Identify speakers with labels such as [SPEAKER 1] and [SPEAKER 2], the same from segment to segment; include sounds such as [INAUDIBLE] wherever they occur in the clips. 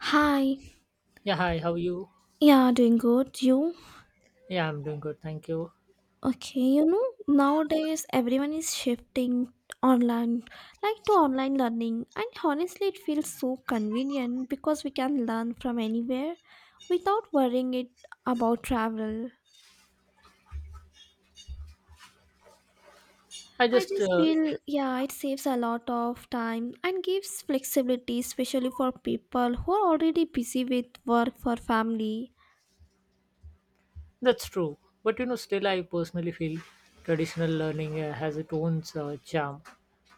[SPEAKER 1] Hi.
[SPEAKER 2] Yeah, hi, how are you?
[SPEAKER 1] Yeah, doing good. You?
[SPEAKER 2] Yeah, I'm doing good, thank you.
[SPEAKER 1] Okay, you know, nowadays everyone is shifting online, like to online learning. And honestly, it feels so convenient because we can learn from anywhere without worrying it about travel.
[SPEAKER 2] I
[SPEAKER 1] I
[SPEAKER 2] just,
[SPEAKER 1] just
[SPEAKER 2] uh,
[SPEAKER 1] feel, yeah, it saves a lot of time and gives flexibility, especially for people who are already busy with work for family.
[SPEAKER 2] that's true. But you know, still, I personally feel traditional learning has its own charm.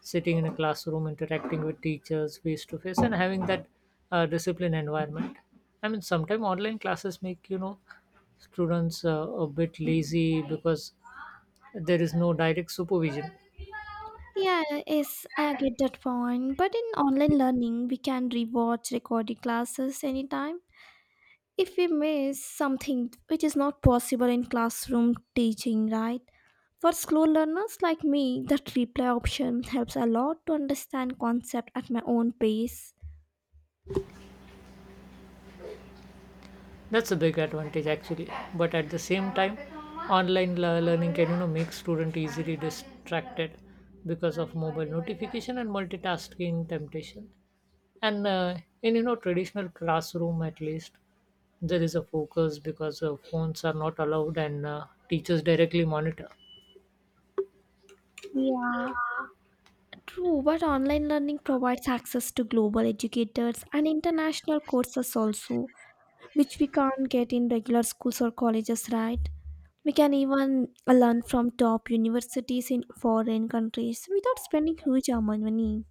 [SPEAKER 2] Sitting in a classroom, interacting with teachers face to face, and having that discipline environment. I mean, sometimes online classes make, you know, students a bit lazy because there is no direct supervision.
[SPEAKER 1] Yeah, yes, I get that point. But in online learning, we can rewatch recorded classes anytime. If we miss something which is not possible in classroom teaching, right? For slow learners like me, that replay option helps a lot to understand concept at my own pace.
[SPEAKER 2] That's a big advantage actually, but at the same time online learning can, you know, make student easily distracted because of mobile notification and multitasking temptation. And in, you know, traditional classroom at least there is a focus because phones are not allowed, and teachers directly monitor.
[SPEAKER 1] Yeah, true, but online learning provides access to global educators and international courses also, which we can't get in regular schools or colleges, right? We can even learn from top universities in foreign countries without spending huge amount of money.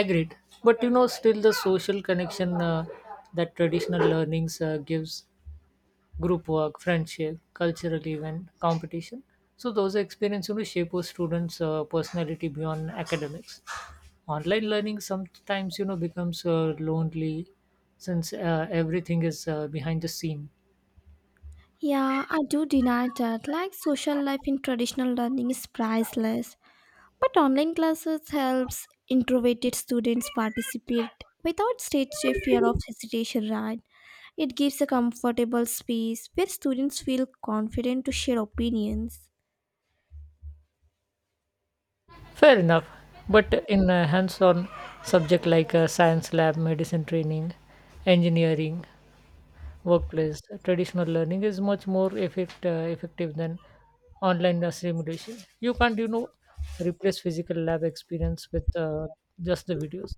[SPEAKER 2] Agreed, but you know, still the social connection, that traditional learnings gives, group work, friendship, cultural event, competition. So those experiences, you know, shape a students' personality beyond academics. Online learning sometimes, you know, becomes lonely since everything is behind the scene.
[SPEAKER 1] Yeah, I do deny that. Like social life in traditional learning is priceless, but online classes helps introverted students participate without stage fear of hesitation, right? It gives a comfortable space where students feel confident to share opinions.
[SPEAKER 2] Fair enough, but in a hands-on subject like science lab, medicine training, engineering, workplace, traditional learning is much more effective than online simulation. You can't, you know, replace physical lab experience with just the videos.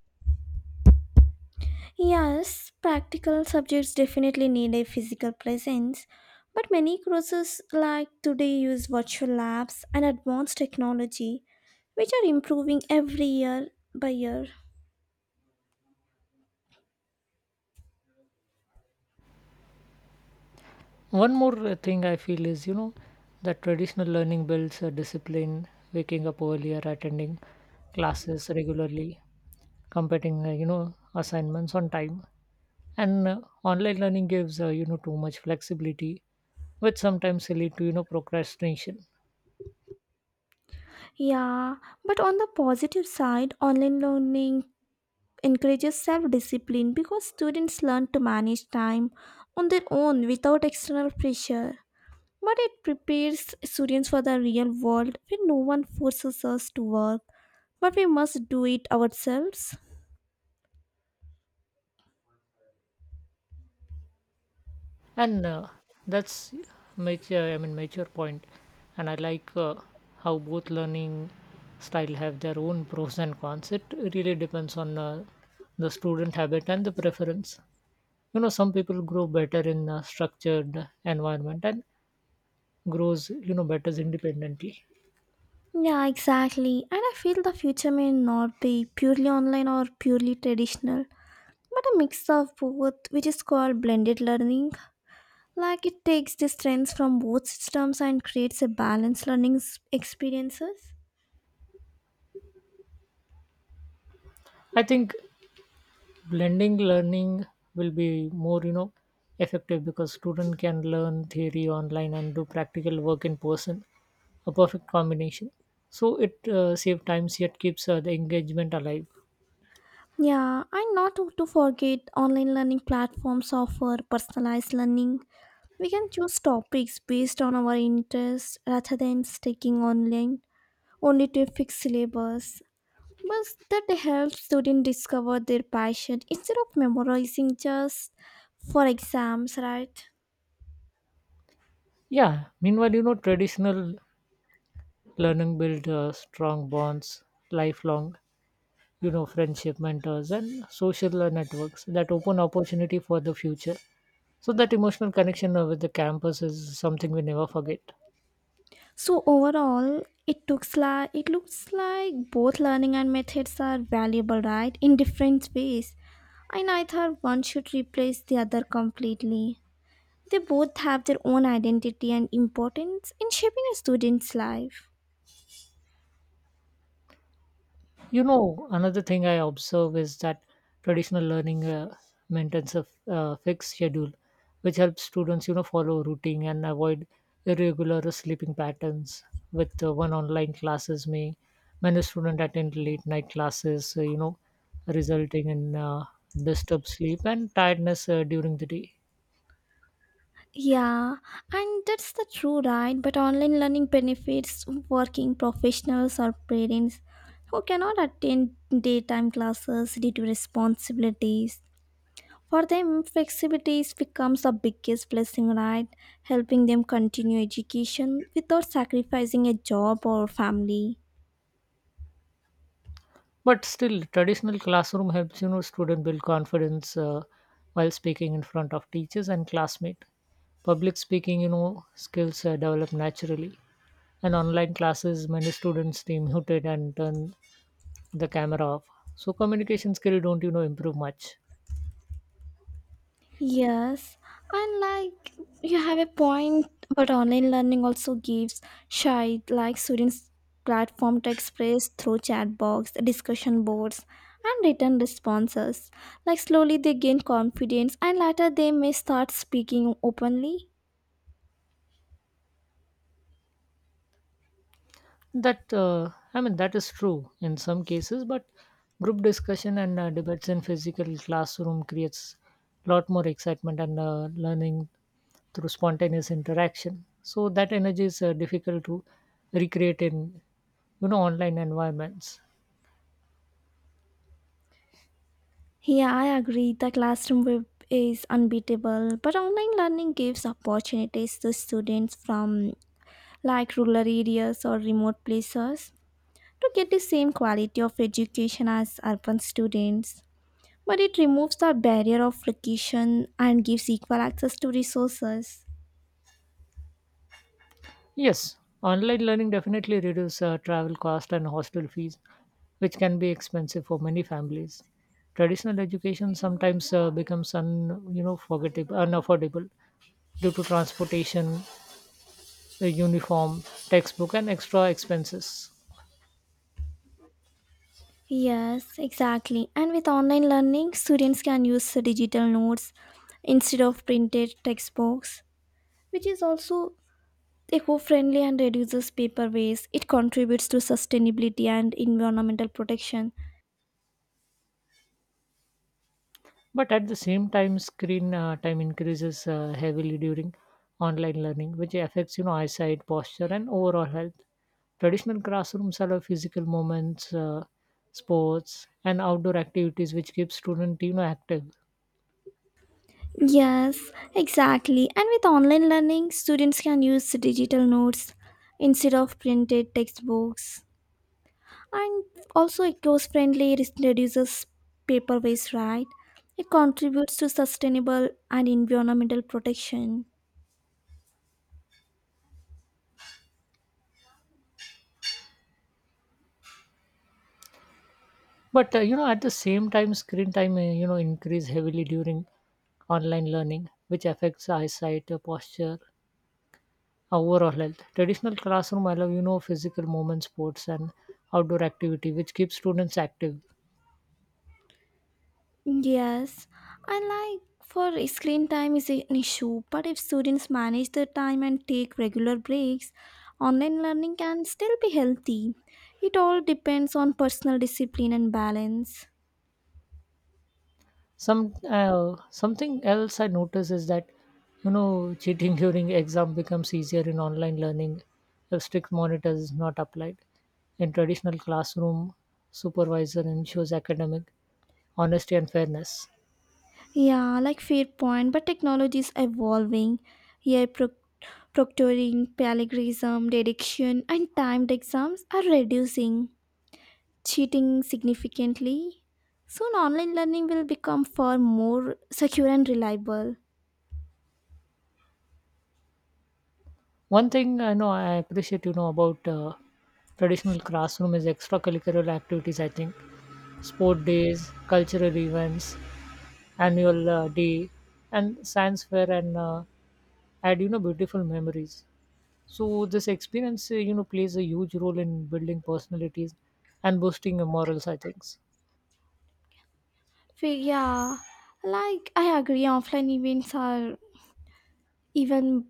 [SPEAKER 1] Yes, practical subjects definitely need a physical presence, but many courses like today use virtual labs and advanced technology, which are improving every year by year.
[SPEAKER 2] One more thing I feel is, you know, that traditional learning builds a discipline, waking up earlier, attending classes regularly, completing you know, assignments on time. And online learning gives, you know, too much flexibility, which sometimes lead to, you know, procrastination.
[SPEAKER 1] Yeah, but on the positive side, online learning encourages self discipline because students learn to manage time on their own without external pressure. But it prepares students for the real world where no one forces us to work, but we must do it ourselves.
[SPEAKER 2] And that's mature point. And I like, how both learning style have their own pros and cons. It really depends on the student habit and the preference. You know, some people grow better in a structured environment, and grows, you know, better independently.
[SPEAKER 1] Yeah, exactly. And I feel the future may not be purely online or purely traditional, but a mix of both, which is called blended learning. Like it takes the strengths from both systems and creates a balanced learning experiences.
[SPEAKER 2] I think blending learning will be more, you know, effective because student can learn theory online and do practical work in person, a perfect combination. So it save times yet keeps the engagement alive.
[SPEAKER 1] Yeah, and not to forget online learning platforms offer personalized learning. We can choose topics based on our interests rather than sticking online only to a fixed syllabus. But that helps students discover their passion instead of memorizing just for exams, right?
[SPEAKER 2] Yeah, meanwhile, you know, traditional learning build strong bonds, lifelong, you know, friendship, mentors, and social networks that open opportunity for the future. So that emotional connection with the campus is something we never forget.
[SPEAKER 1] So overall, it looks like both learning and methods are valuable, right? In different ways, and neither one should replace the other completely. They both have their own identity and importance in shaping a student's life.
[SPEAKER 2] You know, another thing I observe is that traditional learning maintains a fixed schedule, which helps students, you know, follow routine and avoid irregular sleeping patterns. With one online classes, may many students attend late night classes, you know, resulting in disturbed sleep and tiredness during the day.
[SPEAKER 1] Yeah, and that's the true right. But online learning benefits working professionals or parents who cannot attend daytime classes due to responsibilities. For them, flexibility becomes the biggest blessing, right? Helping them continue education without sacrificing a job or family.
[SPEAKER 2] But still, traditional classroom helps, you know, student build confidence while speaking in front of teachers and classmates. Public speaking, you know, skills develop naturally. And online classes, many students stay muted and turn the camera off. So communication skill don't, you know, improve much.
[SPEAKER 1] Yes, and like you have a point, but online learning also gives shy like students platform to express through chat box, discussion boards, and written responses. Like slowly they gain confidence, and later they may start speaking openly.
[SPEAKER 2] That I mean that is true in some cases, but group discussion and debates in physical classroom creates a lot more excitement and learning through spontaneous interaction. So that energy is difficult to recreate in, you know, online environments.
[SPEAKER 1] Yeah, I agree. The classroom web is unbeatable, but online learning gives opportunities to students from like rural areas or remote places, to get the same quality of education as urban students, but it removes the barrier of location and gives equal access to resources.
[SPEAKER 2] Yes, online learning definitely reduces travel cost and hostel fees, which can be expensive for many families. Traditional education sometimes becomes un, you know, forgettable, unaffordable due to transportation, the uniform, textbook, and extra expenses.
[SPEAKER 1] Yes, exactly. And with online learning, students can use the digital notes instead of printed textbooks, which is also eco friendly and reduces paper waste. It contributes to sustainability and environmental protection.
[SPEAKER 2] But at the same time, screen time increases heavily during online learning, which affects, you know, eyesight, posture, and overall health. Traditional classrooms allow physical movements, sports, and outdoor activities, which keep students, you know, active.
[SPEAKER 1] Yes, exactly. And with online learning, students can use digital notes instead of printed textbooks. And also, it goes friendly, it reduces paper waste, right? It contributes to sustainable and environmental protection.
[SPEAKER 2] But you know, at the same time, screen time, you know, increase heavily during online learning, which affects eyesight, posture, overall health. Traditional classroom I love, you know, physical movement, sports, and outdoor activity, which keeps students active.
[SPEAKER 1] Yes, and like for screen time is an issue, but if students manage their time and take regular breaks, online learning can still be healthy. It all depends on personal discipline and balance.
[SPEAKER 2] Something else I notice is that, you know, cheating [LAUGHS] during exam becomes easier in online learning if strict monitor is not applied. In traditional classroom, supervisor ensures academic honesty and fairness.
[SPEAKER 1] Yeah, like fair point, but technology is evolving. Yeah, proctoring, plagiarism, dediction, and timed exams are reducing cheating significantly. Soon, online learning will become far more secure and reliable.
[SPEAKER 2] One thing I know I appreciate, you know, about traditional classroom is extracurricular activities. I think sport days, cultural events, annual day, and science fair, and add, you know, beautiful memories. So this experience, you know, plays a huge role in building personalities and boosting your morals, I think.
[SPEAKER 1] Yeah, like I agree, offline events are even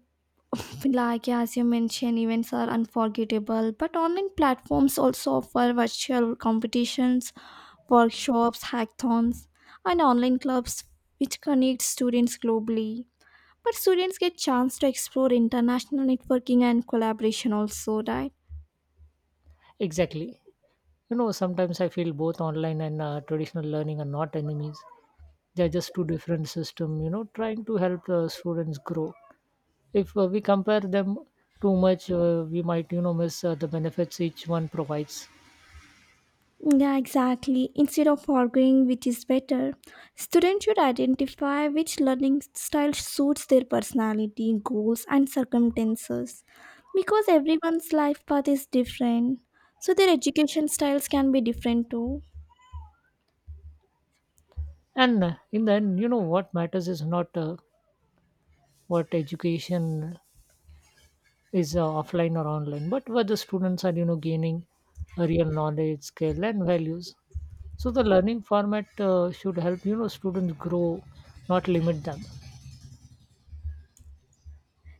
[SPEAKER 1] like as you mentioned events are unforgettable, but online platforms also offer virtual competitions, workshops, hackathons, and online clubs which connect students globally, but students get chance to explore international networking and collaboration also, right?
[SPEAKER 2] Exactly. You know, sometimes I feel both online and traditional learning are not enemies. They are just two different systems, you know, trying to help students grow. If we compare them too much, we might, you know, miss the benefits each one provides.
[SPEAKER 1] Yeah, exactly. Instead of arguing which is better, students should identify which learning style suits their personality, goals, and circumstances. Because everyone's life path is different, so their education styles can be different too.
[SPEAKER 2] And in the end, you know, what matters is not what education is, offline or online, but whether students are, you know, gaining a real knowledge, skill, and values. So the learning format should help, you know, students grow, not limit them.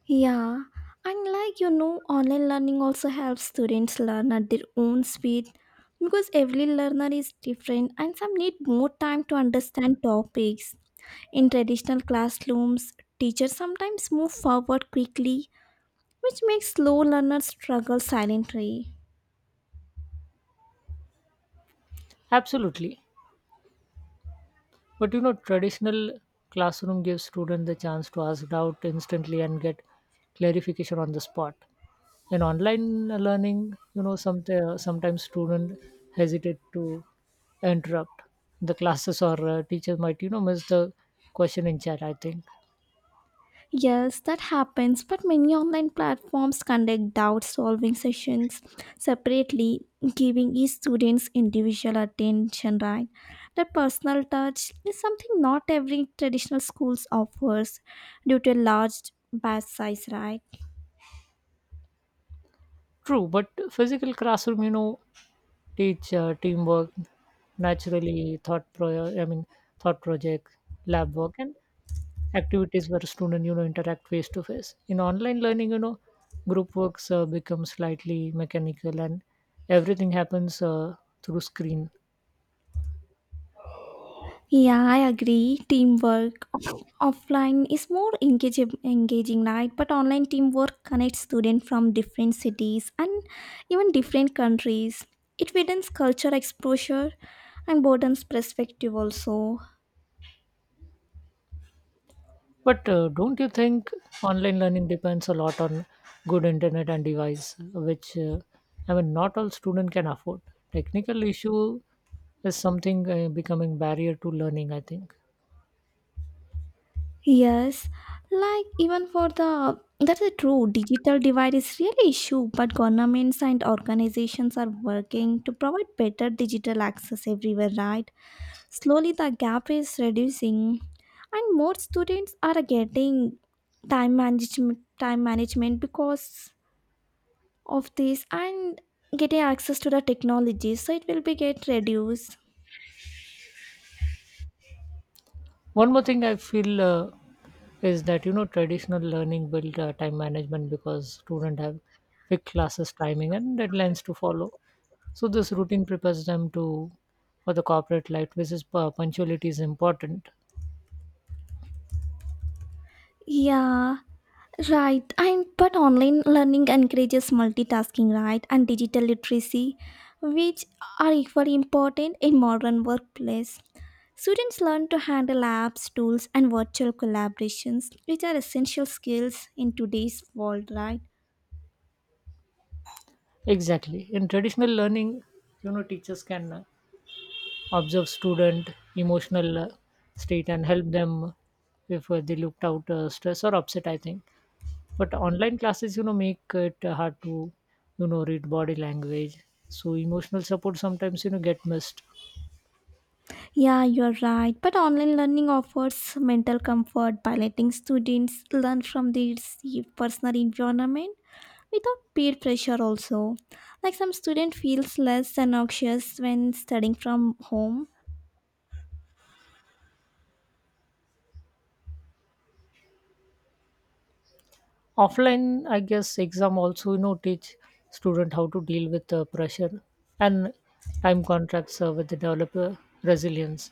[SPEAKER 1] Yeah, and like you know, online learning also helps students learn at their own speed because every learner is different and some need more time to understand topics. In traditional classrooms, teachers sometimes move forward quickly, which makes slow learners struggle silently.
[SPEAKER 2] Absolutely. But you know, traditional classroom gives students the chance to ask doubt instantly and get clarification on the spot. In online learning, you know, some, sometimes students hesitate to interrupt the classes, or teachers might, you know, miss the question in chat, I think.
[SPEAKER 1] Yes, that happens, but many online platforms conduct doubt solving sessions separately, giving each student's individual attention, right? That personal touch is something not every traditional schools offers due to a large batch size, right?
[SPEAKER 2] True, but physical classroom, you know, teach teamwork, naturally thought project, lab work, and activities where students, you know, interact face to face. In online learning, you know, group works become slightly mechanical, and everything happens through screen.
[SPEAKER 1] Yeah, I agree. Teamwork offline is more engaging, right? But online teamwork connects students from different cities and even different countries. It widens culture exposure and broadens perspective also.
[SPEAKER 2] But don't you think online learning depends a lot on good internet and device, which, I mean not all student can afford? Technical issue is something becoming barrier to learning, I think.
[SPEAKER 1] Yes, like even for the that's a true digital divide is really issue, but governments and organizations are working to provide better digital access everywhere, right? Slowly the gap is reducing and more students are getting time management time management because of this and getting access to the technology, so it will be get reduced.
[SPEAKER 2] One more thing I feel, is that, you know, traditional learning build time management because students have fixed classes timing and deadlines to follow. So this routine prepares them to for the corporate life, which is, punctuality is important.
[SPEAKER 1] Yeah, right. And but online learning encourages multitasking, right? And digital literacy, which are equally important in modern workplace. Students learn to handle apps, tools, and virtual collaborations, which are essential skills in today's world, right?
[SPEAKER 2] Exactly. In traditional learning, you know, teachers can observe student emotional state and help them if they looked out stress or upset, I think. But online classes, you know, make it hard to, you know, read body language. So emotional support sometimes, you know, get missed
[SPEAKER 1] Yeah, you're right. But online learning offers mental comfort by letting students learn from their safe personal environment without peer pressure also, like some student feels less anxious when studying from home.
[SPEAKER 2] offline, I guess. Exam also, you know, teach student how to deal with pressure and time contracts with the developer resilience.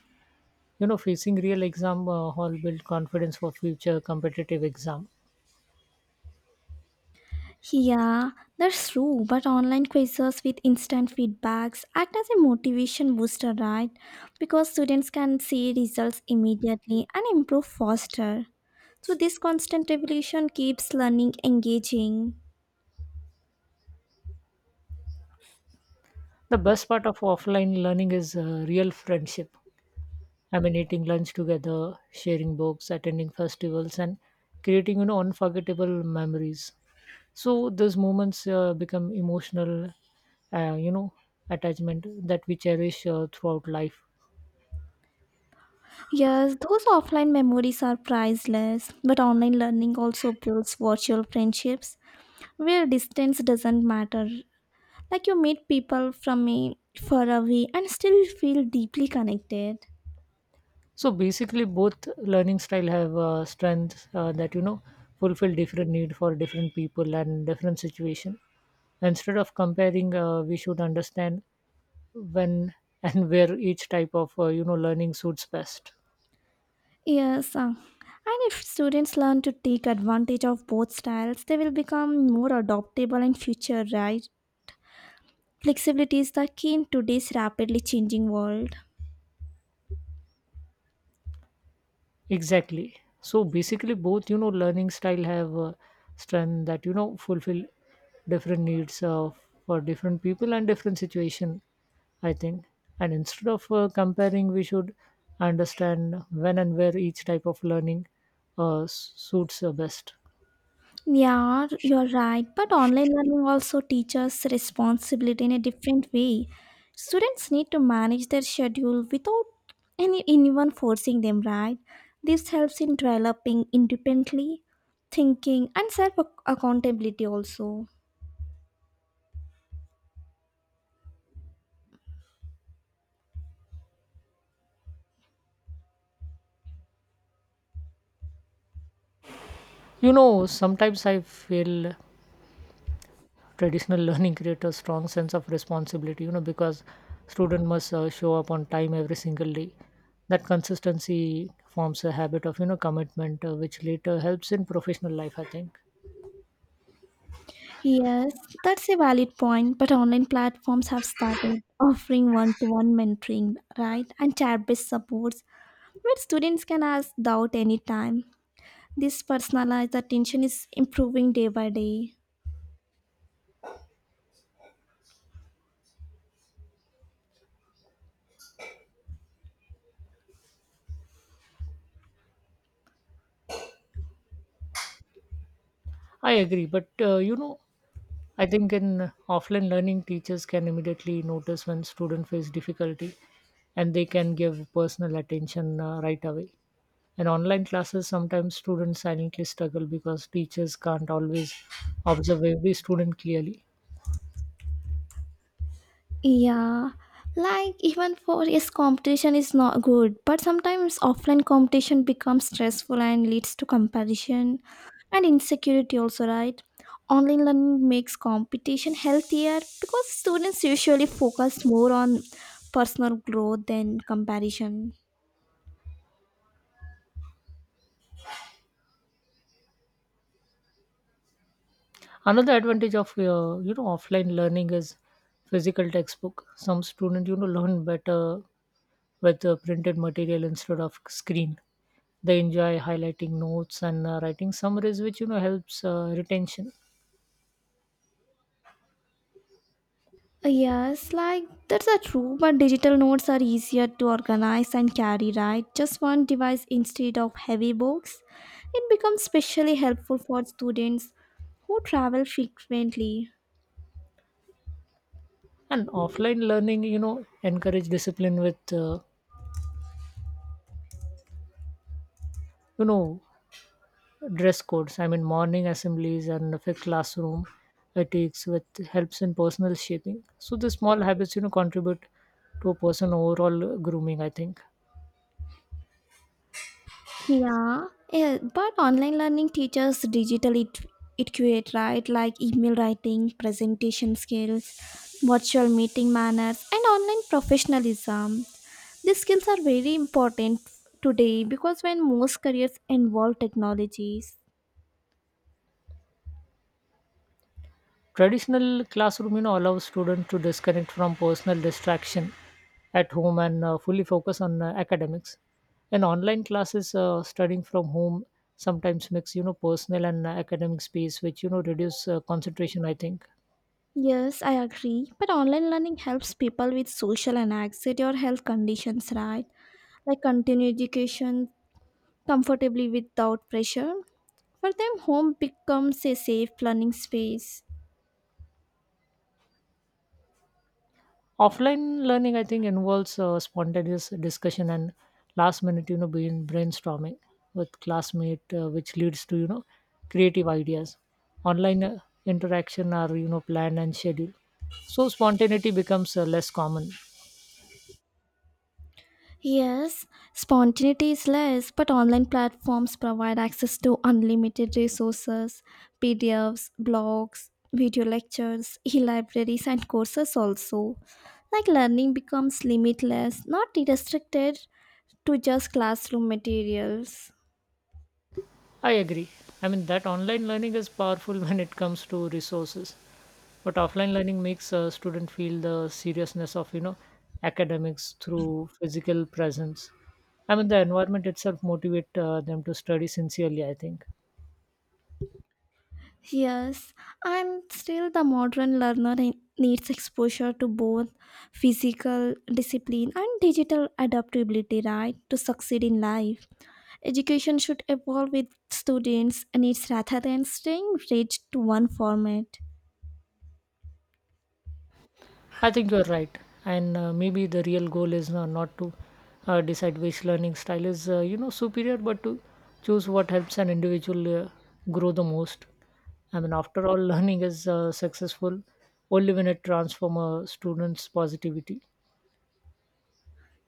[SPEAKER 2] You know, facing real exam hall build confidence for future competitive exam.
[SPEAKER 1] Yeah, that's true, but online quizzes with instant feedbacks act as a motivation booster, right? Because students can see results immediately and improve faster, so this constant evolution keeps learning engaging.
[SPEAKER 2] The best part of offline learning is real friendship. I mean, eating lunch together, sharing books, attending festivals, and creating, you know, unforgettable memories. So those moments become emotional, you know, attachment that we cherish throughout life.
[SPEAKER 1] Yes, those offline memories are priceless, but online learning also builds virtual friendships where distance doesn't matter. Like you meet people from a far away and still feel deeply connected.
[SPEAKER 2] So basically, both learning style have strengths that, you know, fulfill different need for different people and different situation. Instead of comparing, we should understand when and [LAUGHS] where each type of, you know, learning suits best.
[SPEAKER 1] Yes, and if students learn to take advantage of both styles, they will become more adaptable in future, right? Flexibility is the key in today's rapidly changing world.
[SPEAKER 2] Exactly. So basically, both, you know, learning style have strength that, you know, fulfill different needs for different people and different situation, I think. And instead of comparing, we should understand when and where each type of learning suits best.
[SPEAKER 1] Yeah, you're right. But online learning also teaches responsibility in a different way. Students need to manage their schedule without anyone forcing them, right? This helps in developing independently thinking and self accountability also.
[SPEAKER 2] You know, sometimes I feel traditional [LAUGHS] learning creates a strong sense of responsibility, you know, because student must show up on time every single day. That consistency forms a habit of, you know, commitment which later helps in professional life, I think.
[SPEAKER 1] Yes, that's a valid point, but online platforms have started offering one to one mentoring, right? And chat based supports where students can ask doubt anytime. This personalized attention is improving day by day.
[SPEAKER 2] I agree, but you know, I think in offline learning teachers can immediately notice when students face difficulty, and they can give personal attention right away. In online classes sometimes students silently struggle because teachers can't always observe every student clearly.
[SPEAKER 1] Yeah, like even for yes, competition is not good, but sometimes offline competition becomes stressful and leads to comparison and insecurity also, right? Online learning makes competition healthier because students usually focus more on personal growth than comparison.
[SPEAKER 2] Another advantage of, you know, offline learning is physical textbook. Some students, you know, learn better with printed material instead of screen. They enjoy highlighting notes and writing summaries, which, you know, helps retention.
[SPEAKER 1] Yes, like that's a true, but digital notes are easier to organize and carry, right? Just one device instead of heavy books. It becomes especially helpful for students who travel frequently.
[SPEAKER 2] And offline learning, you know, encourage discipline with, you know, dress codes. I mean, morning assemblies and a fixed classroom ethics, with helps in personal shaping. So the small habits, you know, contribute to a person overall grooming, I think.
[SPEAKER 1] Yeah, yeah, but online learning teaches digital etiquette, right? Like email writing, presentation skills, virtual meeting manners, and online professionalism. These skills are very important today because when most careers involve technologies.
[SPEAKER 2] Traditional classroom, you know, allows students to disconnect from personal distraction at home and fully focus on academics. And online classes, studying from home sometimes mix, you know, personal and academic space, which, you know, reduce concentration, I think.
[SPEAKER 1] Yes, I agree. But online learning helps people with social and anxiety or health conditions, right? Like continue education comfortably without pressure. For them, home becomes a safe learning space.
[SPEAKER 2] Offline learning, I think, involves spontaneous discussion and last minute, you know, brainstorming with classmate, which leads to, you know, creative ideas. Online interaction are, you know, planned and scheduled. So spontaneity becomes less common.
[SPEAKER 1] Yes, spontaneity is less, but online platforms provide access to unlimited resources, PDFs, blogs, video lectures, e libraries, and courses also. Like learning becomes limitless, not restricted to just classroom materials.
[SPEAKER 2] I agree. I mean, that online learning is powerful [LAUGHS] when it comes to resources, but offline learning makes a student feel the seriousness of, you know, academics through physical presence. I mean, the environment itself motivate them to study sincerely, I think.
[SPEAKER 1] Yes, I'm still the modern learner and needs exposure to both physical discipline and digital adaptability, right, to succeed in life. Education should evolve with students' needs rather than staying rigid to one format.
[SPEAKER 2] I think you're right. And Maybe the real goal is not to decide which learning style is, superior, but to choose what helps an individual grow the most. I mean, after all, [LAUGHS] learning is successful only when it transforms a student's positivity.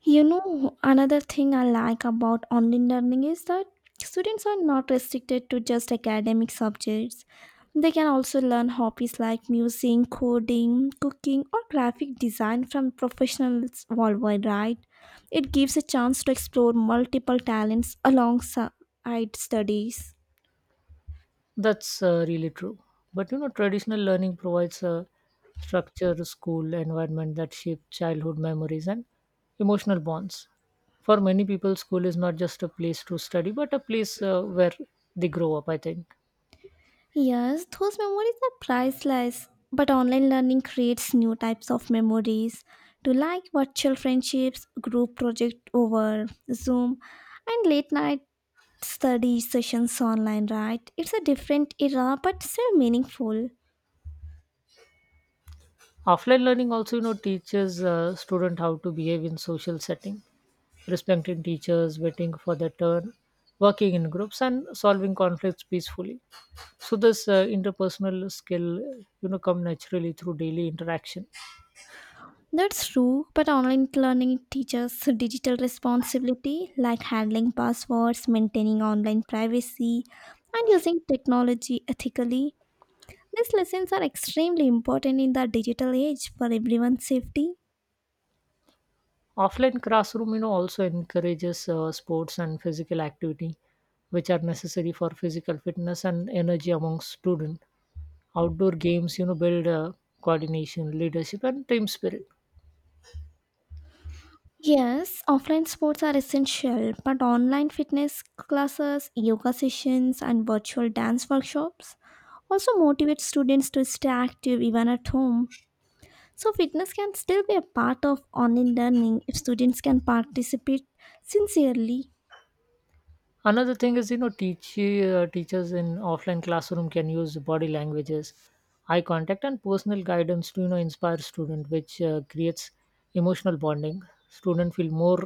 [SPEAKER 1] You know, another thing I like about online learning is that students are not restricted to just academic subjects. They can also learn hobbies like music, coding, cooking, or graphic design from professionals worldwide, right? It gives a chance to explore multiple talents alongside studies.
[SPEAKER 2] That's really true. But you know, traditional learning provides a structure, school environment that shape childhood memories and emotional bonds. For many people, school is not just a place to study, but a place where they grow up, I think.
[SPEAKER 1] Yes, those memories are priceless. But online learning creates new types of memories. To like virtual friendships, group project over Zoom, and late night study sessions online, right? It's a different era but still meaningful.
[SPEAKER 2] Offline learning also, you know, teaches student how to behave in social setting, respecting teachers, waiting for their turn, working in groups, and solving conflicts peacefully. So this interpersonal skill, you know, come naturally through daily interaction.
[SPEAKER 1] That's true, but online learning teaches digital responsibility like handling passwords, maintaining online privacy, and using technology ethically. These lessons are extremely important in the digital age for everyone's safety.
[SPEAKER 2] Offline classroom, you know, also encourages sports and physical activity, which are necessary for physical fitness and energy among students. Outdoor games, you know, build coordination, leadership, and team spirit.
[SPEAKER 1] Yes, offline sports are essential, but online fitness classes, yoga sessions, and virtual dance workshops also motivate students to stay active even at home. So, fitness can still be a part of online learning if students can participate sincerely.
[SPEAKER 2] Another thing is, you know, teachers in offline classroom can use body languages, eye contact, and personal guidance to, you know, inspire student, which creates emotional bonding. Student feel more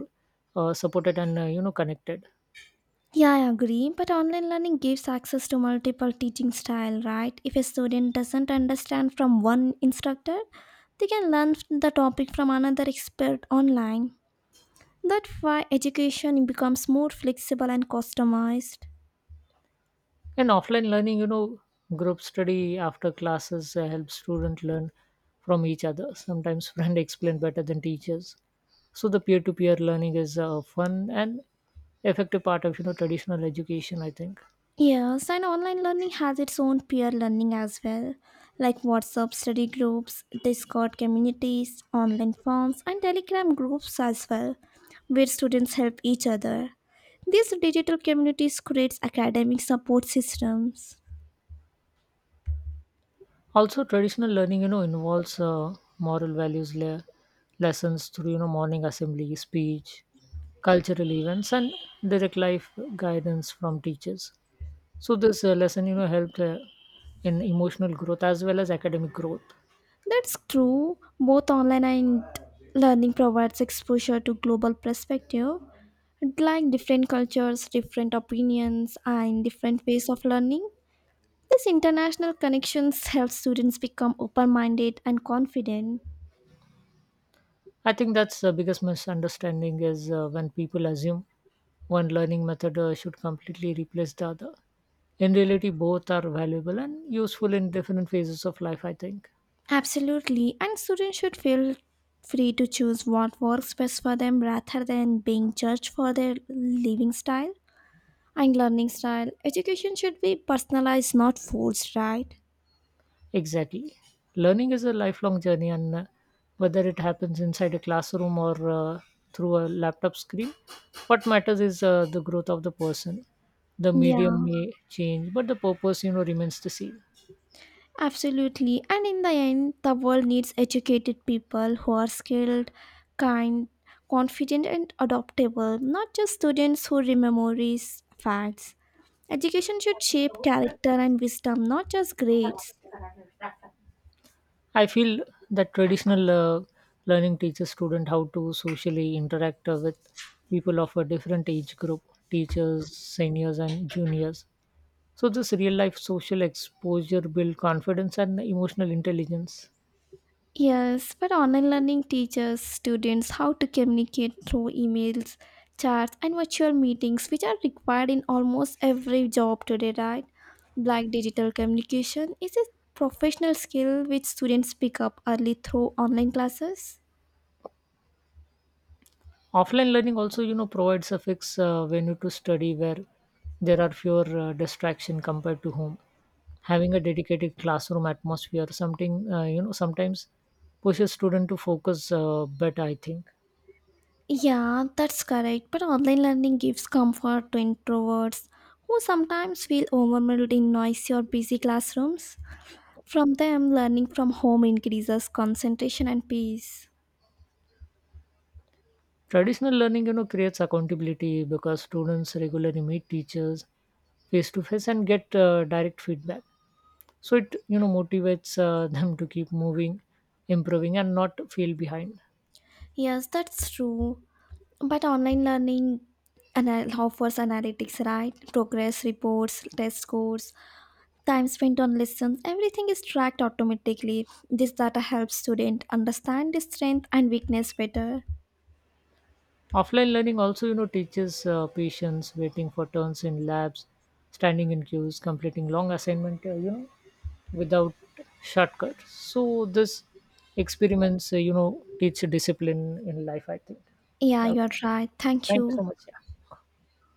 [SPEAKER 2] supported and, connected.
[SPEAKER 1] Yeah, I agree. But online learning gives access to multiple teaching style, right? If a student doesn't understand from one instructor, they can learn the topic from another expert online. That's why education becomes more flexible and customized.
[SPEAKER 2] And offline learning, you know, group study after classes helps students learn from each other. Sometimes [LAUGHS] friends explain better than teachers. So the peer-to-peer learning is a fun and effective part of, you know, traditional education, I think.
[SPEAKER 1] Yes, and online learning has its own peer learning as well, like WhatsApp study groups, Discord communities, online forums, and Telegram groups as well, where students help each other. These digital communities creates academic support systems.
[SPEAKER 2] Also, traditional learning, you know, involves moral values lessons through, you know, morning assembly, speech, cultural events, and direct life guidance from teachers. So this lesson, you know, helped in emotional growth as well as academic growth.
[SPEAKER 1] That's true. Both online and learning provides exposure to global perspective, like different cultures, different opinions, and different ways of learning. This international connections help students become open-minded and confident.
[SPEAKER 2] I think that's the biggest misunderstanding is when people assume one learning method should completely replace the other. In reality, both are valuable and useful in different phases of life, I think.
[SPEAKER 1] Absolutely, and students should feel free to choose what works best for them rather than being judged for their living style and learning style. Education should be personalized, not forced, right?
[SPEAKER 2] Exactly. Learning is a lifelong journey, and whether it happens inside a classroom or through a laptop screen, what matters is the growth of the person. The
[SPEAKER 1] Yeah.
[SPEAKER 2] medium may change, but the purpose, you know, remains the same.
[SPEAKER 1] Absolutely. And in the end, the world needs educated people who are skilled, kind, confident, and adaptable, not just students who memorize facts. Education should shape character and wisdom, not just grades.
[SPEAKER 2] I feel that traditional learning teaches students how to socially interact with people of a different age group, teachers, seniors, and juniors. So this real life social exposure build confidence and emotional intelligence.
[SPEAKER 1] Yes, but online learning teaches students how to communicate through emails, chats, and virtual meetings, which are required in almost every job today, right? Like digital communication is a professional skill which students pick up early through online classes.
[SPEAKER 2] Offline learning also, you know, provides a fixed venue to study where there are fewer distraction compared to home, having a dedicated classroom atmosphere something, you know, sometimes pushes student to focus better, I think.
[SPEAKER 1] Yeah, that's correct. But online learning gives comfort to introverts who sometimes feel overwhelmed in noisy or busy classrooms. From them, learning from home increases concentration and peace.
[SPEAKER 2] Traditional learning, you know, creates accountability because students regularly meet teachers face to face and get direct feedback, so it, you know, motivates [LAUGHS] them to keep moving, improving, and not feel behind.
[SPEAKER 1] Yes, that's true. But online learning offers analytics, right? Progress reports, test scores, time spent on lessons, everything is tracked automatically. This data helps student understand the strength and weakness better.
[SPEAKER 2] Offline learning also, you know, teaches patience, waiting for turns in labs, standing in queues, completing long assignment without shortcut. So this experiments, teach discipline in life, I think.
[SPEAKER 1] Yeah,
[SPEAKER 2] Yeah,
[SPEAKER 1] you are
[SPEAKER 2] okay.
[SPEAKER 1] right. Thank
[SPEAKER 2] Thank you
[SPEAKER 1] you.
[SPEAKER 2] so much.